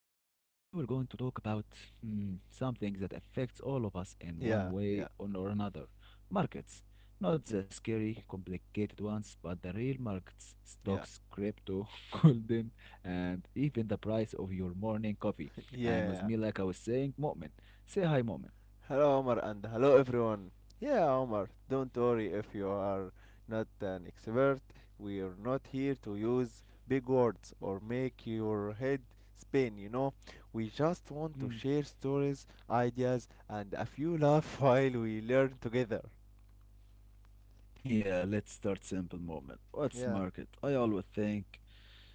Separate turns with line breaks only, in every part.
today we're going to talk about something that affects all of us in
Yeah,
one
yeah,
way or another markets. Not the scary, complicated ones, but the real markets
yeah,
stocks, crypto, golden, and even the price of your morning coffee.
yeah.
And with me, like I was saying, Mo'min. Say hi, Mo'min.
Hello, Omar, and hello, everyone. Yeah, Omar, don't worry if you are not an expert. We are not here to use big words or make your head spin, We just want to share stories, ideas, and a few laugh while we learn together.
Yeah, let's start simple moment. What's
Yeah,
market?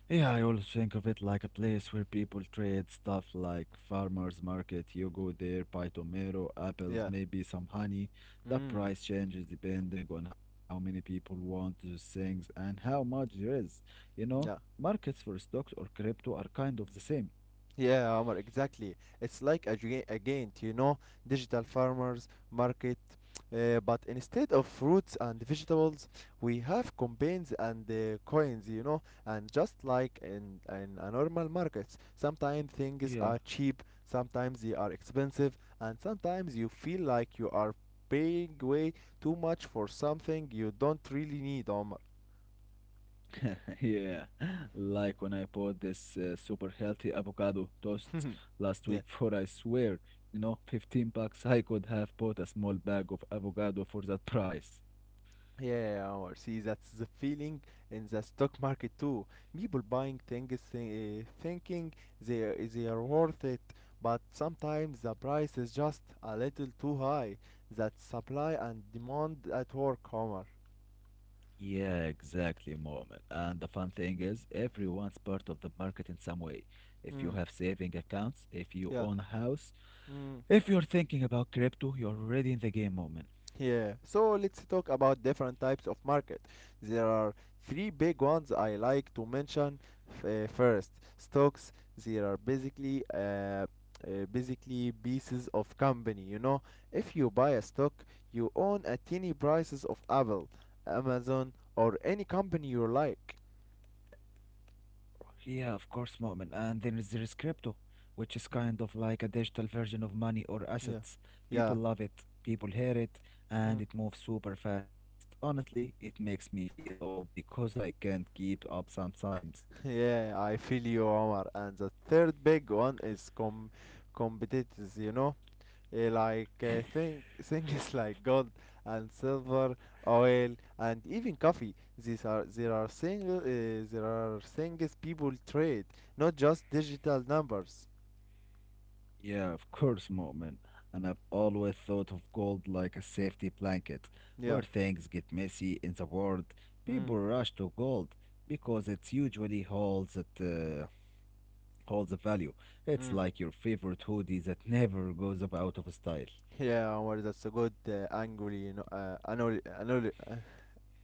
Yeah, I always think of it like a place where people trade stuff like farmers market. You go there, buy tomato, apples,
yeah.
maybe some honey. The
Mm,
price changes depending on how many people want those things and how much there is. You know,
yeah.
markets for stocks or crypto are kind of the same.
Yeah, Omar, exactly. It's like a giant, digital farmers market. But instead of fruits and vegetables, we have campaigns and coins, you know. And just like in a normal market, sometimes things are
Yeah.
cheap, sometimes they are expensive, and sometimes you feel like you are paying way too much for something you don't really need, Omar.
Yeah, like when I bought this super healthy avocado toast last week
yeah.
for, I swear, you know, $15. I could have bought a small bag of avocado for that price.
Yeah, or see, that's the feeling in the stock market too. People buying things thinking they are worth it, but sometimes the price is just a little too high. That supply and demand at work, Homer.
Yeah, exactly, Moment. And the fun thing is, everyone's part of the market in some way. If you have
Mm,
saving accounts, if you own a
yeah.
house,
Mm.
if you're thinking about crypto, you're already in the game, Moment.
Yeah, so let's talk about different types of market. There are three big ones I like to mention. First, stocks. They are basically pieces of company. You know, if you buy a stock, you own a tiny prices of Apple, Amazon, or any company you like.
Yeah, of course, Mu'min. And then is there is crypto, which is kind of
Mm,
like a digital version of money or
yeah,
assets. People
yeah.
love it, people hear it, and
Mm.
it moves super fast. Honestly, it makes me feel old because I can't keep up sometimes.
Yeah, I feel you, Omar. And the third big one is competitors, you know. Things like gold and silver, oil, and even coffee. These are there are single there are things people trade, not just digital numbers.
Yeah, of course, Mu'min. And I've always thought of gold like a safety blanket.
Yeah.
Where things get messy in the world,
Mm.
people rush to gold because it, usually holds holds a value. It's
Mm.
like your favorite hoodie that never goes up out of style.
Yeah, Omar, that's a good angle, you know,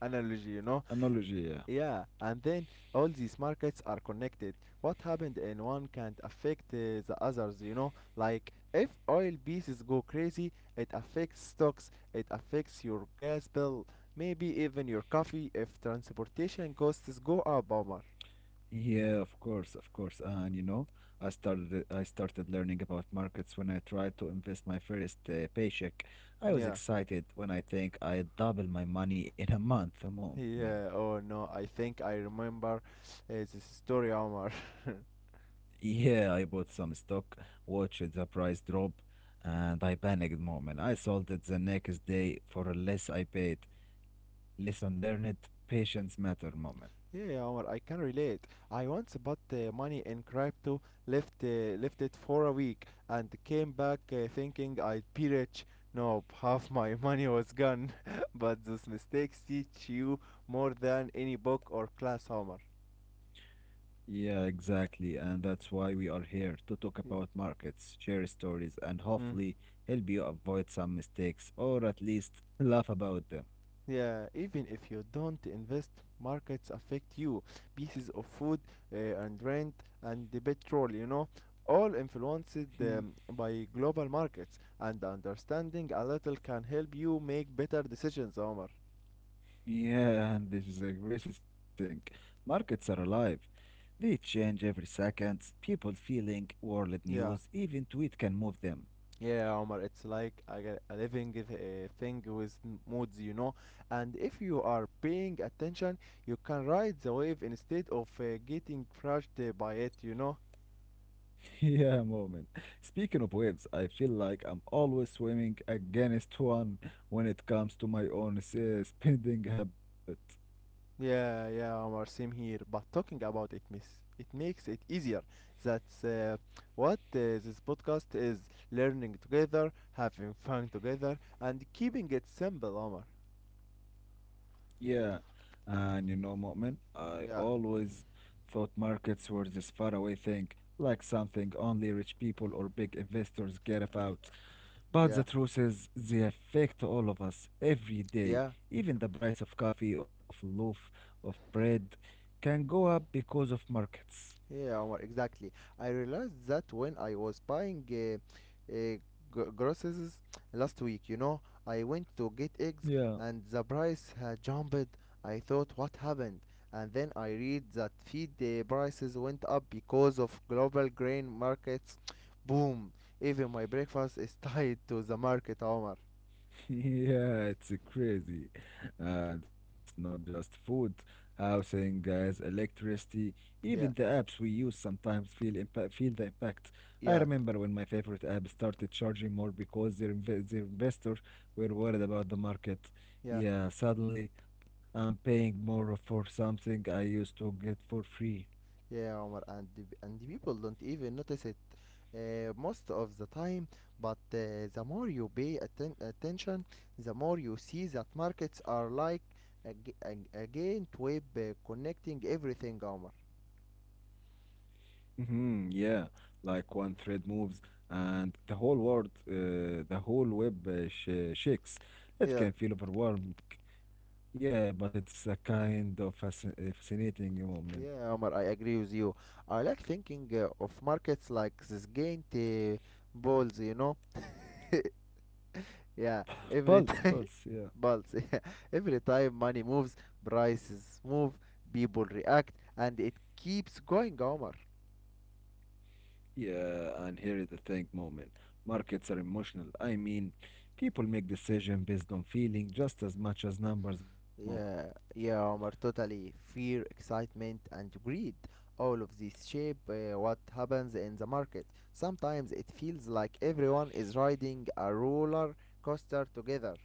analogy, you know.
Analogy, yeah.
Yeah, and then all these markets are connected. What happened in one can't affect the others, you know? Like, if oil pieces go crazy, it affects stocks, it affects your gas bill, maybe even your coffee if transportation costs go up, Omar.
Yeah, of course, of course. And you know, I started learning about markets when I tried to invest my first paycheck. I was
Yeah,
excited when I think I double my money in a month, a moment.
yeah, oh no, I think I remember this story, Omar.
Yeah, I bought some stock, watched the price drop, and I panicked, moment. I sold it the next day for less I paid. Lesson learned, patience matter, moment.
Yeah, Omar, I can relate. I once bought money in crypto, left it for a week, and came back thinking I'd be rich. Nope, half my money was gone. But those mistakes teach you more than any book or class, Omar.
Yeah, exactly. And that's why we are here to talk
Yeah.
about markets, share stories, and
Hmm.
hopefully help you avoid some mistakes or at least laugh about them.
Yeah, even if you don't invest, markets affect you. Pieces of food and rent and the petrol, you know, all influenced
Hmm,
by global markets. And understanding a little can help you make better decisions, Omar.
yeah, and this is a crazy thing. Markets are alive. They change every second. People feeling, world news,
Yeah.
even tweet can move them.
Yeah, Omar, it's like a living thing with moods, you know. And if you are paying attention, you can ride the wave instead of getting crushed by it, you know.
Yeah, moment. Speaking of waves, I feel like I'm always swimming against one when it comes to my own spending habit.
Yeah, Omar, same here. But talking about it, miss, it makes it easier. That's what this podcast is: learning together, having fun together, and keeping it simple, Omar.
Yeah, and you know, Mu'min, I
Yeah,
always thought markets were this faraway thing, like something only rich people or big investors get about. But the
yeah,
truth is, they affect all of us every day.
yeah.
Even the price of coffee, of loaf, of bread can go up because of markets.
Yeah, Omar, exactly. I realized that when I was buying groceries last week, you know, I went to get eggs and the price had jumped. I thought, what happened? And then I read that feed prices went up because of global grain markets. Boom! Even my breakfast is tied to the market, Omar.
Yeah, it's crazy. And it's not just food, housing, gas, electricity, even the apps
Yeah,
we use sometimes feel the impact. I remember
yeah,
when my favorite app started charging more because their investors were worried about the market.
yeah.
Yeah, suddenly I'm paying more for something I used to get for free.
Yeah, Omar, and the people don't even notice it most of the time. But the more you pay attention, the more you see that markets are like a giant web connecting everything, Omar.
Yeah, like one thread moves and the whole web shakes. It
Yeah,
can feel overwhelming. Yeah, but it's a kind of fascinating moment.
yeah, Omar, I agree with you. I like thinking of markets like this giant balls, you know. Yeah, every
Pulse,
time
pulse, yeah.
pulse. Yeah. Every time money moves, prices move, people react, and it keeps going, Omar.
Yeah, and here is the thing moment. Markets are emotional. I mean, people make decisions based on feeling just as much as numbers moment.
Yeah, yeah, Omar. Totally fear, excitement, and greed. All of these shape what happens in the market. Sometimes it feels like everyone is riding a roller coaster together.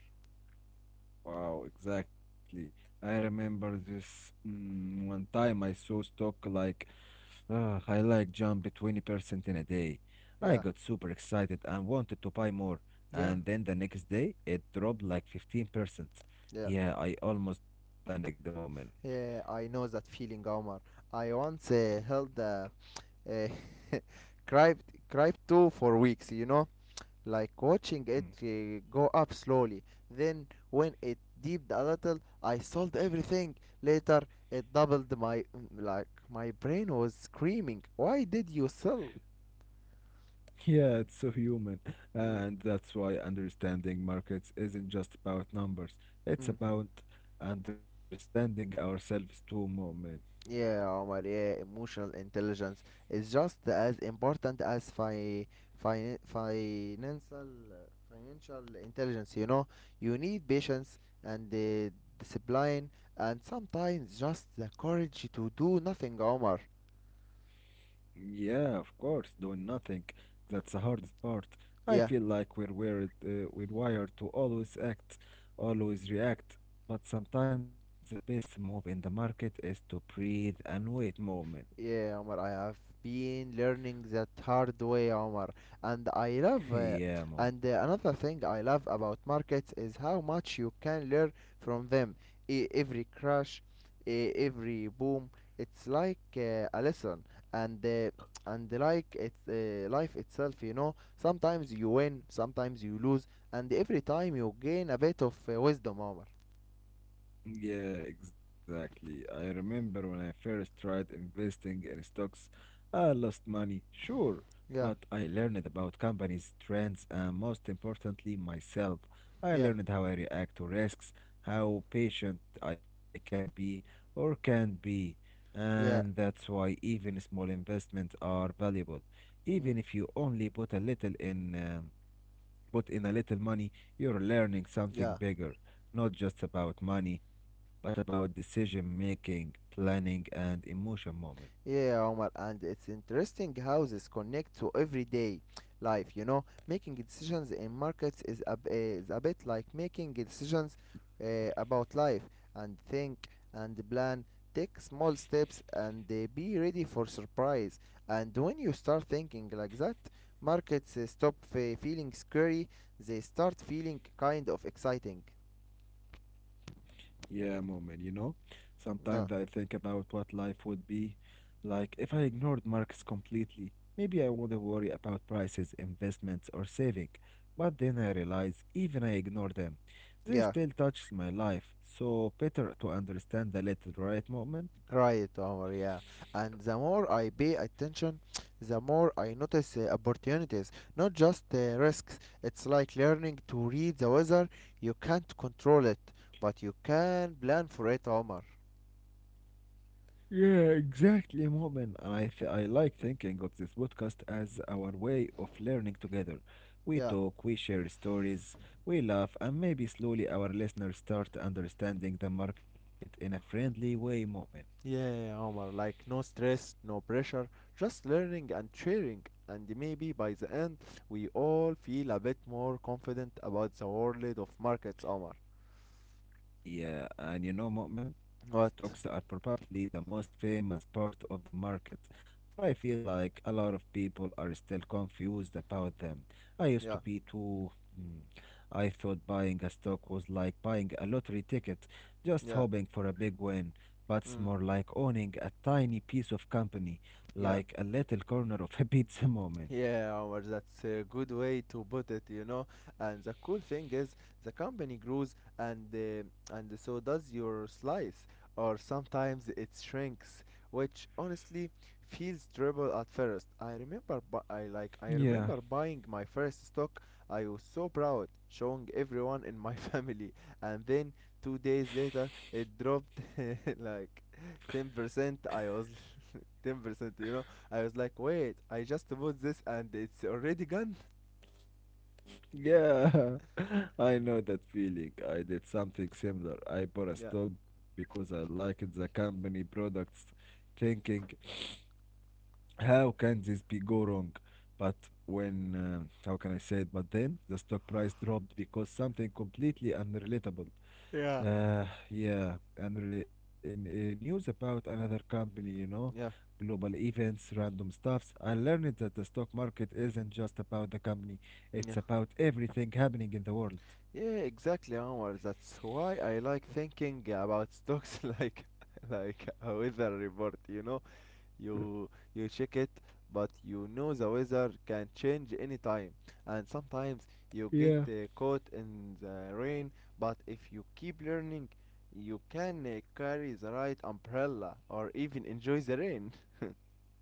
Wow, exactly. I remember this one time I saw stock like Ah, I like jumped 20% in a day. I got
Yeah,
super excited and wanted to buy more.
yeah,
And then the next day, it dropped like 15%.
yeah.
Yeah, I almost panicked the moment.
Yeah, I know that feeling, Omar. I once held a uh, crypt crypt 2 for weeks, you know, like watching it
Mm.
go up slowly, then when it dipped a little, I sold everything. Later it doubled my, like my brain was screaming, why did you sell?
Yeah, it's so human.
Mm,
And that's why understanding markets isn't just about numbers, it's
mm.
about understanding ourselves too, moment.
Yeah, Omar, yeah, emotional intelligence is just as important as fi fin financial financial intelligence, you know. You need patience and discipline and sometimes just the courage to do nothing, Omar.
Yeah, of course, doing nothing. That's the hardest part. I feel
Yeah.
like we're wired, We're wired to always act, always react. But sometimes the best move in the market is to breathe and wait moment.
Yeah, Omar, I have been learning that hard way, Omar. And I love, uh,
Yeah, moment.
and another thing I love about markets is how much you can learn from them. Every crash, every boom, it's like a lesson. And uh, and it's life itself, you know. Sometimes you win, sometimes you lose, and every time you gain a bit of wisdom, Omar.
Yeah, exactly. I remember when I first tried investing in stocks, I lost money, sure, but I
Yeah,
learned about companies, trends, and most importantly, myself. I
yeah,
learned how I react to risks, how patient I can be or can't be, and that's
yeah,
why even small investments are valuable. Even if you
mm,
only put in a little money, you're learning something
yeah.
bigger, not just about money, but about decision making, planning, and emotion moment.
Yeah, Omar, and it's interesting how this connect to everyday life, you know. Making decisions in markets is a bit like making decisions about life and think and plan, take small steps and be ready for surprise. And when you start thinking like that, markets stop feeling scary, they start feeling kind of exciting.
Yeah, moment, you know? Sometimes I
No,
think about what life would be like if I ignored markets completely. Maybe I wouldn't worry about prices, investments, or saving. But then I realize even I ignore them. They
yeah.
still touches my life. So better to understand a little, right, moment?
Right, Omar, yeah. And the more I pay attention, the more I notice opportunities, not just risks. It's like learning to read the weather. You can't control it, but you can plan for it, Omar.
Yeah, exactly, Mu'min. I like thinking of this podcast as our way of learning together. We
Yeah.
talk, we share stories, we laugh, and maybe slowly our listeners start understanding the market in a friendly way, Mu'min.
Yeah, Omar, like no stress, no pressure, just learning and sharing. And maybe by the end, we all feel a bit more confident about the world of markets, Omar.
Yeah, and you know, Mu'min, stocks
What?
are probably the most famous part of the market, but I feel like a lot of people are still confused about them. I used to be
Yeah,
too. Hmm, I thought buying a stock was like buying a lottery ticket, just
yeah,
hoping for a big win, but it's more
mm,
like owning a tiny piece of company, like
yeah.
a little corner of a pizza, Mu'min.
Yeah, Omar, that's a good way to put it, you know. And the cool thing is, the company grows, and so does your slice, or sometimes it shrinks, which honestly feels terrible at first. I
Yeah,
remember buying my first stock. I was so proud, showing everyone in my family, and then 2 days later, it dropped like 10%. I was 10%, you know, I was like, wait, I just bought this and it's already gone.
yeah, I know that feeling. I did something similar. I bought a
Yeah,
stock because I liked the company products, thinking, how can this be go wrong? But when, how can I say it? But then the stock price dropped because something completely unrelatable.
Yeah.
Uh, yeah, in news about another company, you know,
yeah,
global events, random stuffs. I learned that the stock market isn't just about the company, it's
yeah.
about everything happening in the world.
Yeah, exactly, Omar. That's why I like thinking about stocks like a weather report, you know? You check it, but you know the weather can change anytime. And sometimes you get
Yeah,
caught in the rain, but if you keep learning, you can carry the right umbrella or even enjoy the rain.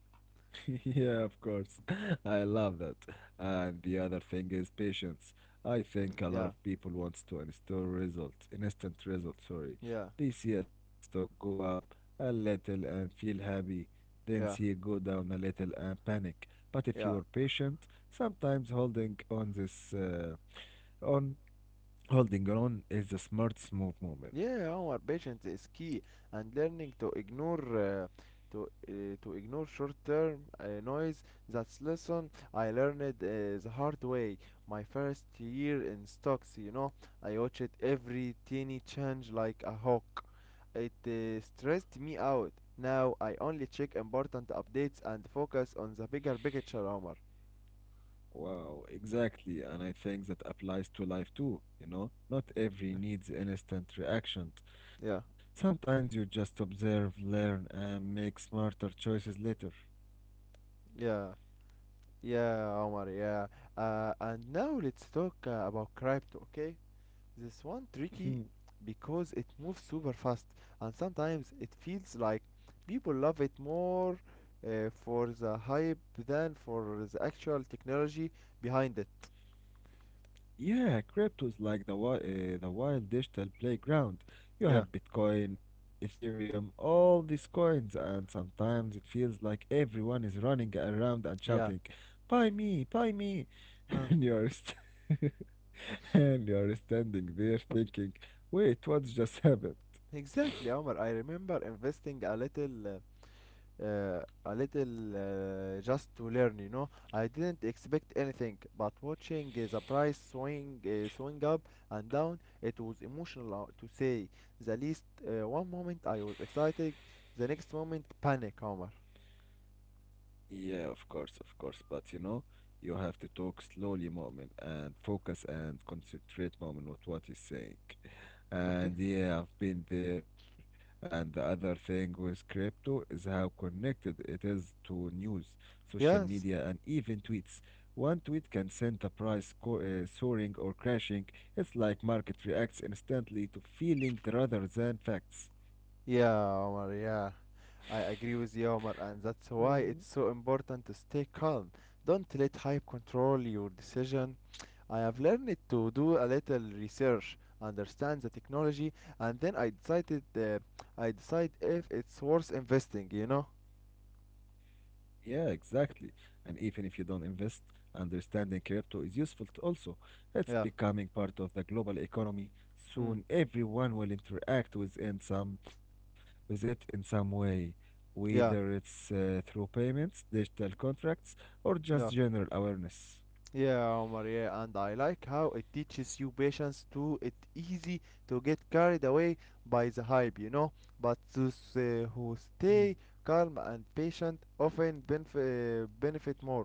yeah, of course. I love that. And the other thing is patience. I think a lot of
Yeah,
people wants to install results, instant results, sorry.
yeah,
They see a stock go up a little and feel happy, then see it go
yeah.
down a little and panic. But if you are
Yeah,
patient, sometimes on holding on is a smooth move.
yeah, our patience is key, and learning to ignore to ignore short-term noise. That's lesson I learned the hard way. My first year in stocks, you know, I watched every teeny change like a hawk. It stressed me out. Now I only check important updates and focus on the bigger picture, Omar.
Wow, exactly. And I think that applies to life too, you know? Not every needs instant reaction.
Yeah,
Sometimes you just observe, learn, and make smarter choices later.
yeah. Yeah, Omar, yeah. And now let's talk about crypto, okay? This one tricky
Mhm.
because it moves super fast and sometimes it feels like people love it more for the hype than for the actual technology behind it.
Yeah, crypto is like the the wild digital playground. You
Yeah.
have Bitcoin, Ethereum, all these coins, and sometimes it feels like everyone is running around and shouting,
Yeah.
"Buy me, buy me!" and
Uh,
you're And you are standing there thinking, wait, what just happened?
exactly, Omar. I remember investing uh, a little, just to learn, you know, I didn't expect anything, but watching the price swing up and down, it was emotional to say the least. One moment I was excited, the next moment panic, Omar.
Yeah, of course, of course. But you know, you have to talk slowly, moment, and focus and concentrate, moment, with what he's saying.
Okay.
And yeah, I've been there. And the other thing with crypto is how connected it is to news, social media, and
yes
even tweets. One tweet can send the price soaring or crashing. It's like market reacts instantly to feeling rather than facts.
yeah, Omar yeah I agree with you, Omar, and
Yeah,
that's why it's so important to stay calm. Don't let hype control your decision. I have learned to do a little research, understand the technology, and then I decide if it's worth investing, you know?
yeah, exactly. And even if you don't invest, understanding crypto is useful also. It's
Yeah.
becoming part of the global economy.
Mm.
Soon, everyone will interact with in some with it in some way, whether it's
Yeah.
through payments, digital contracts, or just general
Yeah.
awareness.
Yeah, Omar, yeah, and I like how it teaches you patience too. It's easy to get carried away by the hype, you know. But those who
Hmm.
stay calm and patient often benefit more.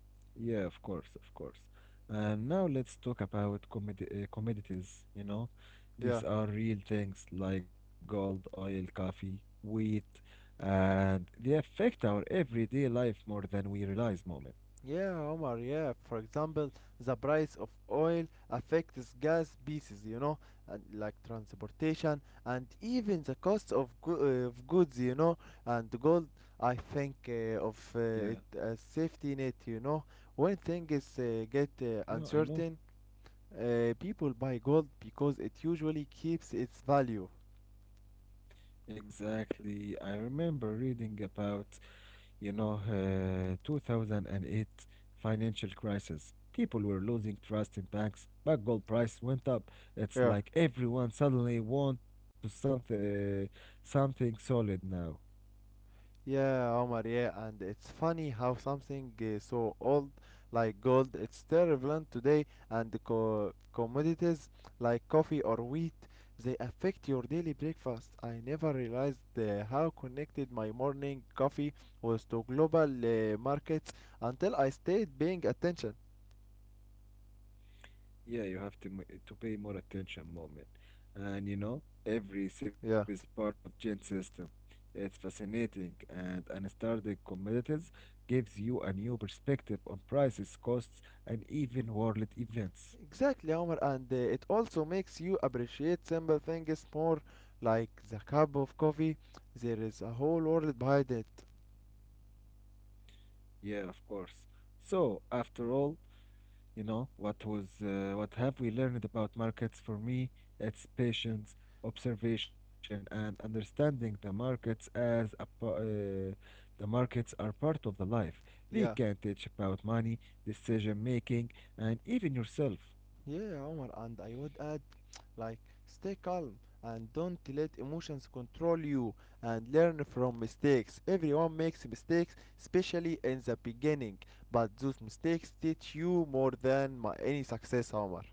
Yeah, of course, of course. And now let's talk about commodities, you know. These
Yeah.
are real things like gold, oil, coffee, wheat, and they affect our everyday life more than we realize, moment.
Yeah, Omar, yeah. For example, the price of oil affects gas pieces, you know, and like transportation and even the cost of, of goods, you know, and gold. I think uh,
Yeah,
of uh, it as safety net, you know. When things get
yeah, I know.
uncertain, people buy gold because it usually keeps its value.
Exactly. I remember reading about You know, 2008 financial crisis. People were losing trust in banks, but gold price went up. It's
Yeah.
like everyone suddenly something solid now.
Yeah, Omar, yeah, and it's funny how something so old like gold, it's still relevant today. And the commodities like coffee or wheat, they affect your daily breakfast. I never realized how connected my morning coffee was to global markets until I stayed paying attention.
Yeah, you have to to pay more attention, moment, and you know every SIB is
Yeah.
part of Gen system. It's fascinating, and unstarted commodities gives you a new perspective on prices, costs, and even world events.
Exactly, Omar, and it also makes you appreciate simple things more, like the cup of coffee. There is a whole world behind it.
Yeah, of course. So, after all, you know, what have we learned about markets? For me, it's patience, observation, and understanding the markets as a, pa- the markets are part of the life. They can
Yeah.
teach about money, decision making, and even yourself.
Yeah, Omar, and I would add, like, stay calm and don't let emotions control you and learn from mistakes. Everyone makes mistakes, especially in the beginning, but those mistakes teach you more than my, any success, Omar.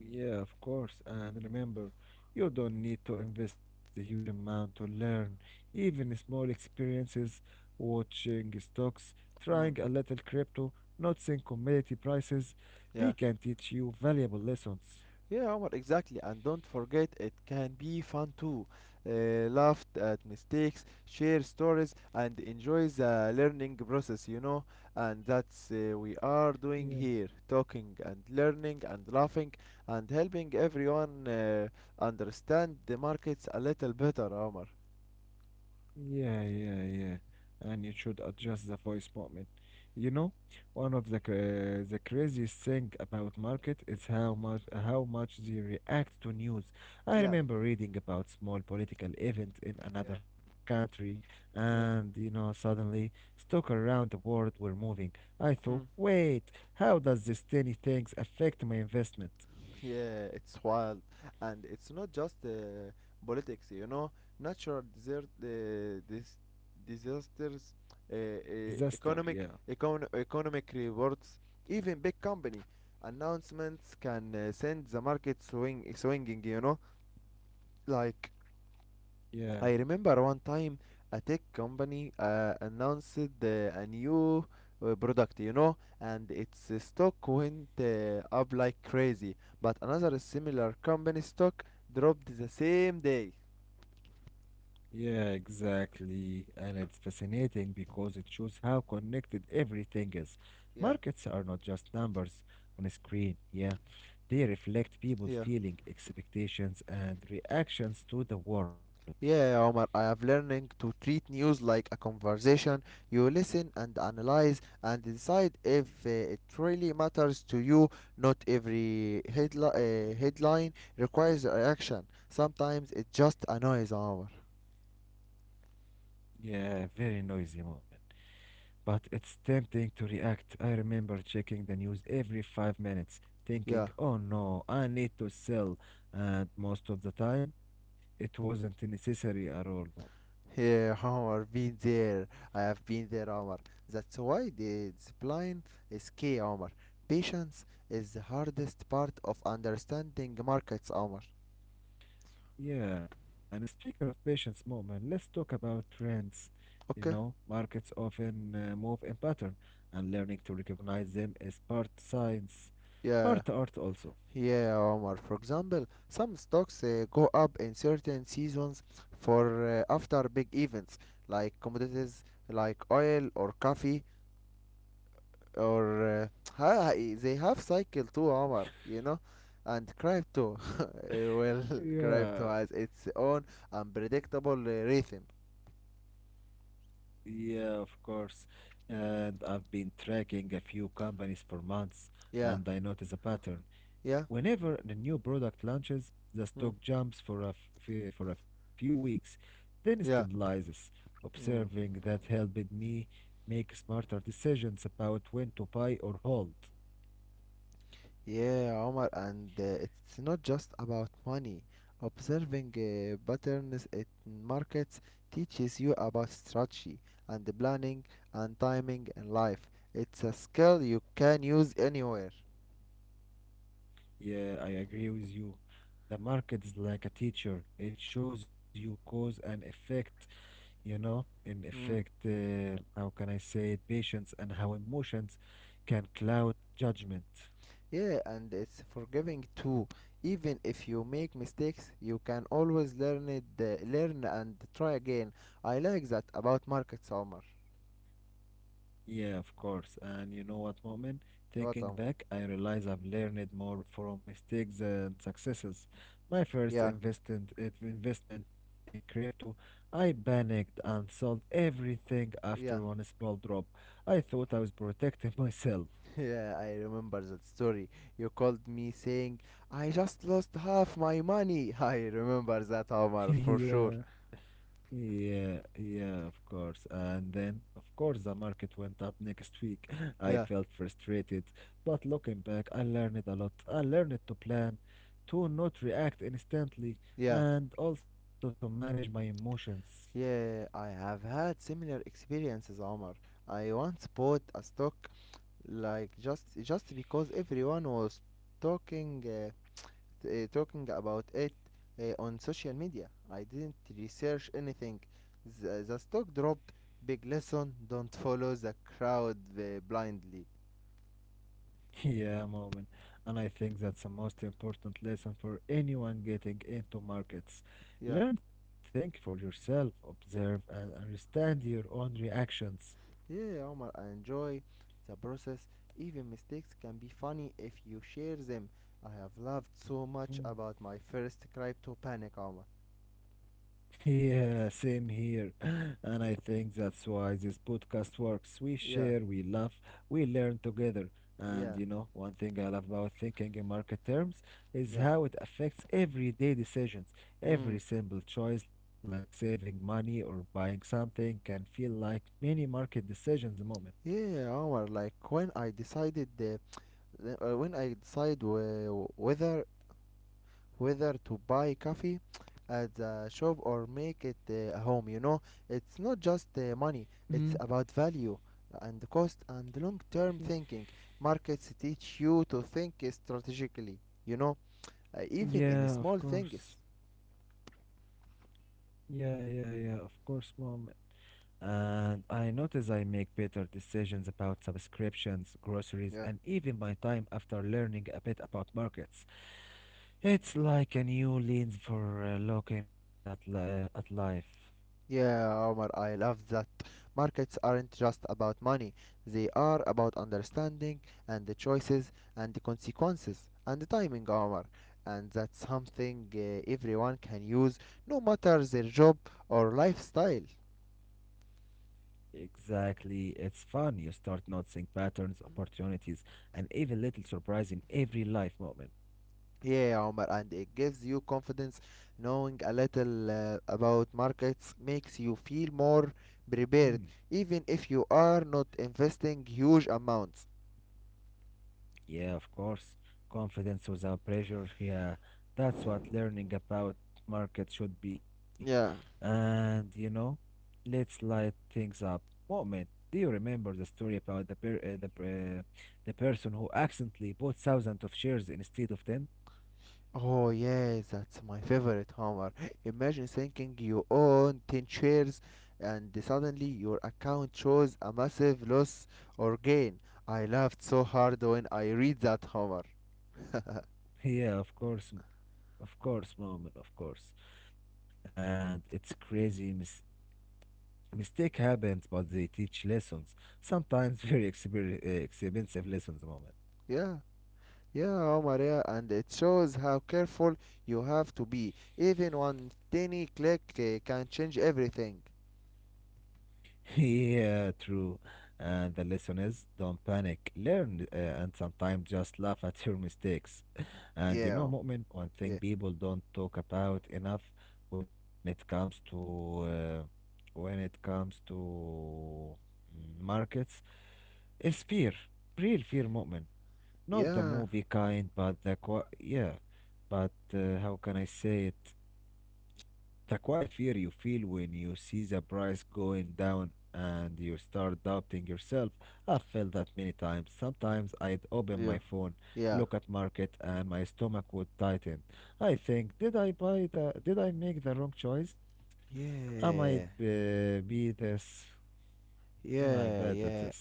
Yeah, of course. And remember, you don't need to invest a huge amount to learn. Even small experiences, watching stocks, trying a
Mm,
little crypto, noticing commodity prices, they
yeah.
can teach you valuable lessons.
Yeah, Omar, exactly. And don't forget, it can be fun too. Laugh at mistakes, share stories, and enjoy the learning process. And that's we
Yeah.
are doing here, talking and learning and laughing and helping everyone understand the markets a little better, Omar.
Yeah, yeah, yeah. And you should adjust the voice moment. You know, one of the the craziest thing about market is how much they react to news. I
Yeah,
remember reading about small political event in
yeah,
another country, and you
yeah.
know, suddenly stock around the world were moving. I thought,
Hmm.
wait, how does this tiny things affect my investment?
Yeah, it's wild, and it's not just politics. You know, natural desert, disasters,
Disaster. Yeah,
economic rewards, even big company announcements can send the market swinging. You know, like
yeah.
I remember one time a tech company announced a new product, you know, and its stock went up like crazy. But another similar company stock dropped the same day.
Yeah, exactly. And it's fascinating because it shows how connected everything is. Markets
Yeah,
are not just numbers on a screen, yeah. They reflect people
yeah.
feeling expectations and reactions to the world.
Yeah, Omar, I have learning to treat news like a conversation. You listen and analyze and decide if it really matters to you. Not every headline requires a reaction. Sometimes it just annoys Omar.
Yeah, very noisy moment. But it's tempting to react. I remember checking the news every 5 minutes, thinking,
Yeah.
oh no, I need to sell. And most of the time, it wasn't necessary at all.
Yeah, Omar, been there. I have been there, Omar. That's why the discipline is key, Omar. Patience is the hardest part of understanding markets, Omar.
Yeah, and speaking of patience, moment, let's talk about trends. You know,
Okay?
markets often move in pattern, and learning to recognize them is part science, part
Yeah.
art also.
Yeah, Omar. For example, some stocks go up in certain seasons for after big events like commodities like oil or coffee or they have cycle too, Omar, you know? And crypto, crypto
Yeah,
has its own unpredictable rhythm.
yeah, of course. And I've been tracking a few companies for months, and I
Yeah,
notice a pattern.
yeah,
Whenever the new product launches, the
mm,
stock jumps for for a few weeks, then
yeah.
stabilizes. Observing
Mm.
that helped me make smarter decisions about when to buy or hold.
Yeah, Omar, and it's not just about money. Observing patterns in markets teaches you about strategy and the planning and timing in life. It's a skill you can use anywhere.
Yeah, I agree with you. The market is like a teacher. It shows you cause and effect, you know, in effect,
Mm.
how can I say it, patience and how emotions can cloud judgment.
Yeah, and it's forgiving too. Even if you make mistakes, you can always learn and try again. I like that about markets, Omar.
Yeah, of course. And you know what, Moment? Thinking
What, Omar?
back, I realize I've learned more from mistakes and successes. My first
Yeah,
investment in crypto, I panicked and sold everything after one small
yeah.
drop. I thought I was protecting myself.
Yeah, I remember that story. You called me saying, I just lost half my money. I remember that, Omar, for
yeah.
sure.
Yeah, yeah, of course. And then, of course, the market went up next week. I felt
Yeah,
frustrated, but looking back, I learned a lot. I learned to plan, to not react instantly,
yeah,
and also to manage my emotions.
yeah. I have had similar experiences, Omar. I once bought a stock, like just because everyone was talking, uh, talking about it on social media. I didn't research anything. The stock dropped. Big lesson: don't follow the crowd blindly.
Yeah, moment. And I think that's the most important lesson for anyone getting into markets.
Yeah.
Learn, think for yourself, observe, and understand your own reactions.
Yeah, Omar, I enjoy the process. Even mistakes can be funny if you share them. I have loved so much
Hmm.
about my first crypto panic, Omar.
Yeah, same here. And I think that's why this podcast works. We share, we
Yeah,
laugh, we learn together. And you
yeah,
know, one thing I love about thinking in market terms is
yeah.
how it affects everyday decisions.
Mm.
Every simple choice, like saving money or buying something, can feel like mini market decisions moment.
Yeah, Omar, like when I decided when I decide whether to buy coffee at the shop or make it home. You know, it's not just
Mhm.
money, it's about value and cost and long term thinking. Markets teach you to think strategically, you know, even in
Yeah, of
small
course.
things.
Yeah, yeah, yeah, of course, moment. And I notice I make better decisions about subscriptions, groceries, and
Yeah.
even my time after learning a bit about markets. It's like a new lens for looking at li at life.
Yeah, Omar, I love that. Markets aren't just about money, they are about understanding and the choices and the consequences and the timing, Omar. And that's something everyone can use, no matter their job or lifestyle.
Exactly. It's fun. You start noticing patterns, opportunities, and even little surprise in every life moment.
Yeah, Omar, and it gives you confidence. Knowing a little about markets makes you feel more
Hmm.
prepared, even if you are not investing huge amounts.
Yeah, of course. Confidence without pressure. Yeah, that's what learning about market should be.
Yeah.
And you know, let's light things up. Moment, do you remember the story about the person who accidentally bought thousands of shares instead of 10?
Oh yes, that's my favorite humor. Imagine thinking you own 10 shares and suddenly your account shows a massive loss or gain. I laughed so hard when I read that humor.
Yeah, of course, of course, moment, of course. And it's crazy. Mistake happens, but they teach lessons. Sometimes very exper expensive lessons, moment.
yeah, yeah, Homer, yeah, and it shows how careful you have to be. Even one tiny click can change everything.
Yeah, true. And the lesson is don't panic, learn, and sometimes just laugh at your mistakes.
Yeah,
And you know, Mu'min,
yeah,
one thing people don't talk about enough when it comes to uh, when it comes to markets is fear, real fear, Mu'min. Not the
yeah,
movie kind, but the qu yeah. But how can I say it? The quiet fear you feel when you see the price going down and you start doubting yourself. I've felt that many times. Sometimes I'd open my
yeah,
phone, look
yeah,
at market, and my stomach would tighten. I think, did I buy the? Did I make the wrong choice? I might
yeah,
be this. Am I bad at this?
yeah,
Sorry.
yeah.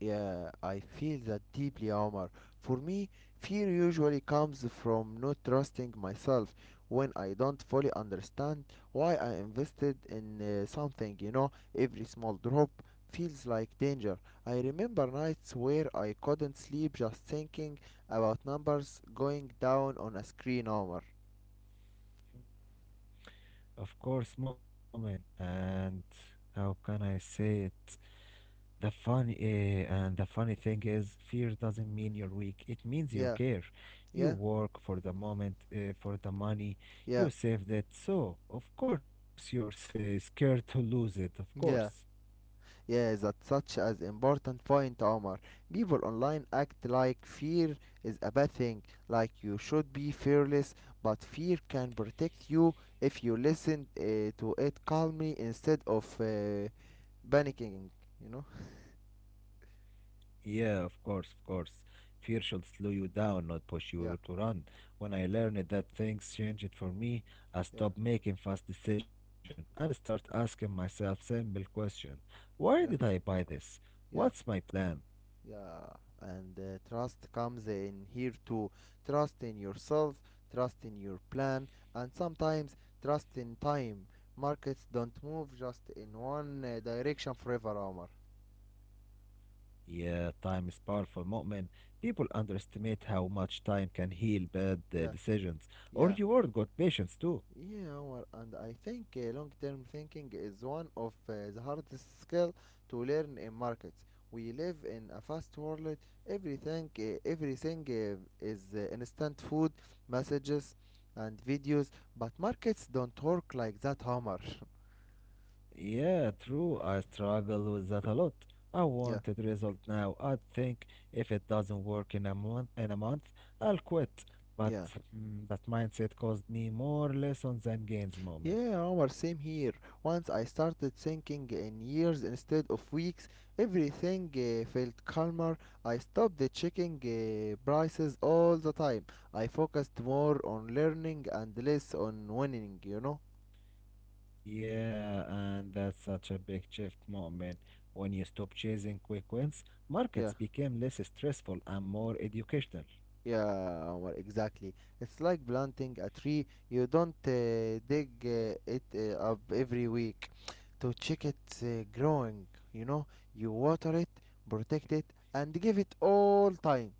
Yeah, I feel that deeply, Omar. For me, fear usually comes from not trusting myself when I don't fully understand why I invested in something, you know, every small drop feels like danger. I remember nights where I couldn't sleep just thinking about numbers going down on a screen, Omar.
Of course, moment. And how can I say it? And the funny thing is, fear doesn't mean you're weak. It means
Yeah,
you care.
yeah,
You work for the for the money.
yeah,
You saved it, so of course you're scared to lose it. Of
yeah.
course,
Yeah, that's such as important point, Omar. People online act like fear is a bad thing, like you should be fearless, but fear can protect you if you listen to it calmly instead of panicking, you know?
yeah, of course, of course. Fear should slow you down, not
Yeah,
push you to run. When I learned that things changed for me,
yeah,
I stopped making fast decisions and start asking myself simple question: Why
yeah,
did I buy this?
yeah.
What's my plan?
Yeah, and trust comes in here too. Trust in yourself, trust in your plan, and sometimes trust in time. Markets don't move just in one direction forever, Omar.
Yeah, time is powerful, Mu'min. People underestimate how much time can heal bad
Yeah,
decisions or
yeah.
reward good patience too.
Yeah, Omar, and I think long-term thinking is one of the hardest skill to learn in markets. We live in a fast world. Everything is instant food, messages, and videos. But markets don't work like that, Omar.
Yeah, true. I struggle with that a lot. I
yeah,
wanted result now. I think if it doesn't work in a month, I'll quit. But
yeah.
that mindset caused me more lessons than gains, Mu'min.
Yeah, Omar, same here. Once I started thinking in years instead of weeks, everything felt calmer. I stopped checking prices all the time. I focused more on learning and less on winning, you know?
Yeah, and that's such a big shift moment. When you stop chasing quick wins, markets became
Yeah,
less stressful and more educational.
yeah, Omar, exactly. It's like planting a tree, you don't dig it up every week to check it growing, you know? You water it, protect it, and give it all time.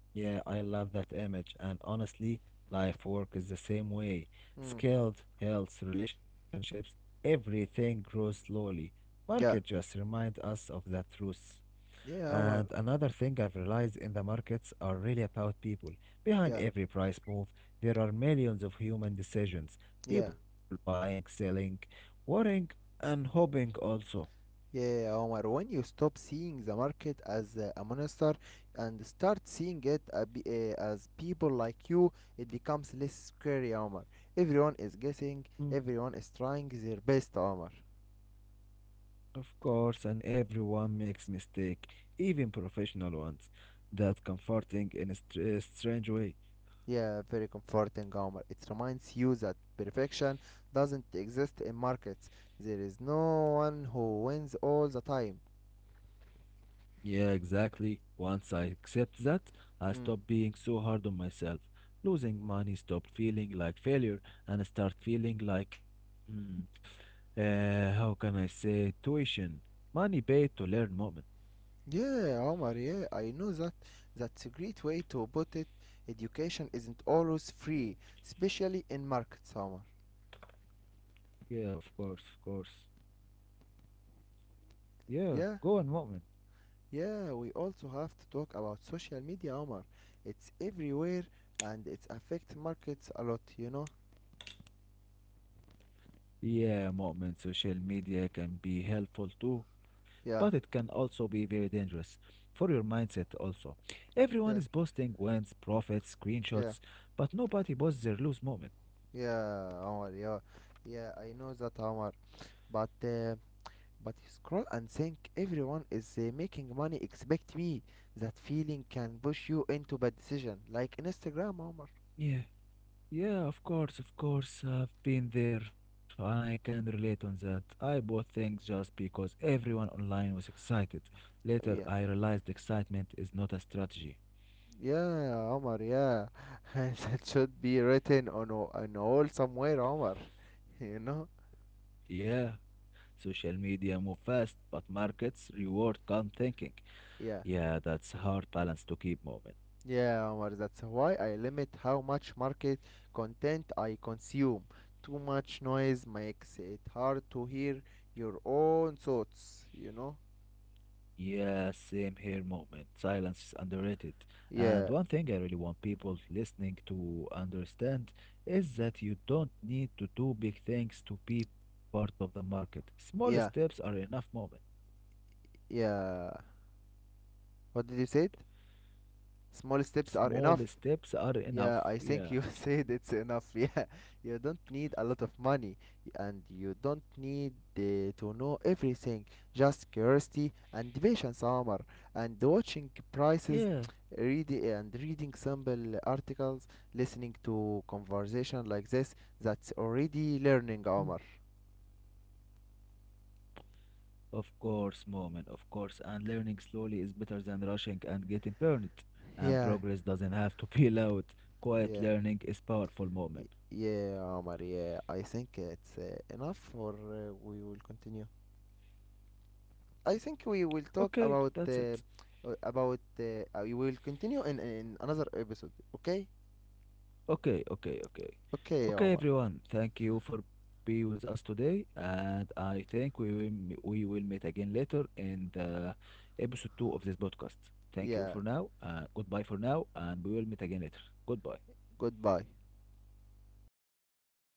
Yeah, I love that image. And honestly, life work is the same way.
Mm.
Skilled, health, relationships, everything grows slowly. Market just
Yeah,
remind us of that truth. And
yeah,
another
Omar.
thing I've realized in the markets are really about people. Behind
Yeah,
every price move, there are millions of human decisions.
yeah,
People buying, selling, worrying, and hoping also.
yeah, Omar. When you stop seeing the market as a monster and start seeing it as people like you, it becomes less scary, Omar. Everyone is guessing,
Mm,
everyone is trying their best, Omar.
of course, and everyone makes mistakes, even professional ones. That comforting in a strange way.
Yeah, very comforting, Omar. It reminds you that perfection doesn't exist in markets. There is no one who wins all the time.
Yeah, exactly. Once I accept that, I
Mm.
stopped being so hard on myself. Losing money stopped feeling like failure and start feeling like, hmm, how can I say, tuition, money paid to learn Mu'min.
Yeah, Omar, yeah, I know that. That's a great way to put it. Education isn't always free, especially in markets, Omar.
Yeah, of course, of course. Yeah, go on
Yeah,
Mu'min.
yeah, we also have to talk about social media, Omar. It's everywhere and it affects markets a lot, you know?
Yeah, Mu'min, social media can be helpful too, but it
Yeah,
can also be very dangerous for your mindset also. Everyone
yeah,
is posting wins, profits,
yeah,
screenshots, but nobody posts their lose moment.
yeah, Omar, yeah. Yeah, I know that, Omar. But, uh, but you scroll and think everyone is making money, expect me. That feeling can push you into bad decision, like Instagram, Omar.
Yeah. Yeah, of course, of course. I've been there and I can relate on that. I bought things just because everyone online was excited. Later, I
Yeah,
realized excitement is not a strategy.
yeah, Omar, yeah. And that should be written on an wall somewhere, Omar, you know?
Yeah, social media move fast, but markets reward calm thinking.
Yeah,
Yeah, that's hard balance to keep moment.
yeah, Omar, that's why I limit how much market content I consume. Too much noise makes it hard to hear your own thoughts, you know?
Yeah, same here moment. Silence is underrated. And
Yeah,
one thing I really want people listening to understand is that you don't need to do big things to be part of the market. Small steps are
yeah,
enough moment.
yeah. What did you say? Small steps are
Small
enough.
steps are
Yeah,
enough.
I
Yeah.
think you said it's enough. Yeah, you don't need a lot of money and you don't need to know everything. Just curiosity and patience, Omar. And watching
Yeah.
prices, reading and reading simple articles, listening to conversation like this, that's already
Hmm.
learning, Omar.
Of course, moment, of course. And learning slowly is better than rushing and getting burned. And
Yeah,
progress doesn't have to be loud. Quiet
yeah.
learning is powerful moment.
Y- Yeah, Omar, yeah. I think it's enough or we will continue. I think we
Okay,
will talk
that's it.
about we will continue in another episode. Okay?
Okay, okay, okay.
Okay,
Okay,
Omar.
everyone, thank you for being with us today. And I think we will meet again later in the episode two of this podcast. Thank you for now.
Yeah.
Goodbye for now. And we will meet again later. Goodbye.
Goodbye.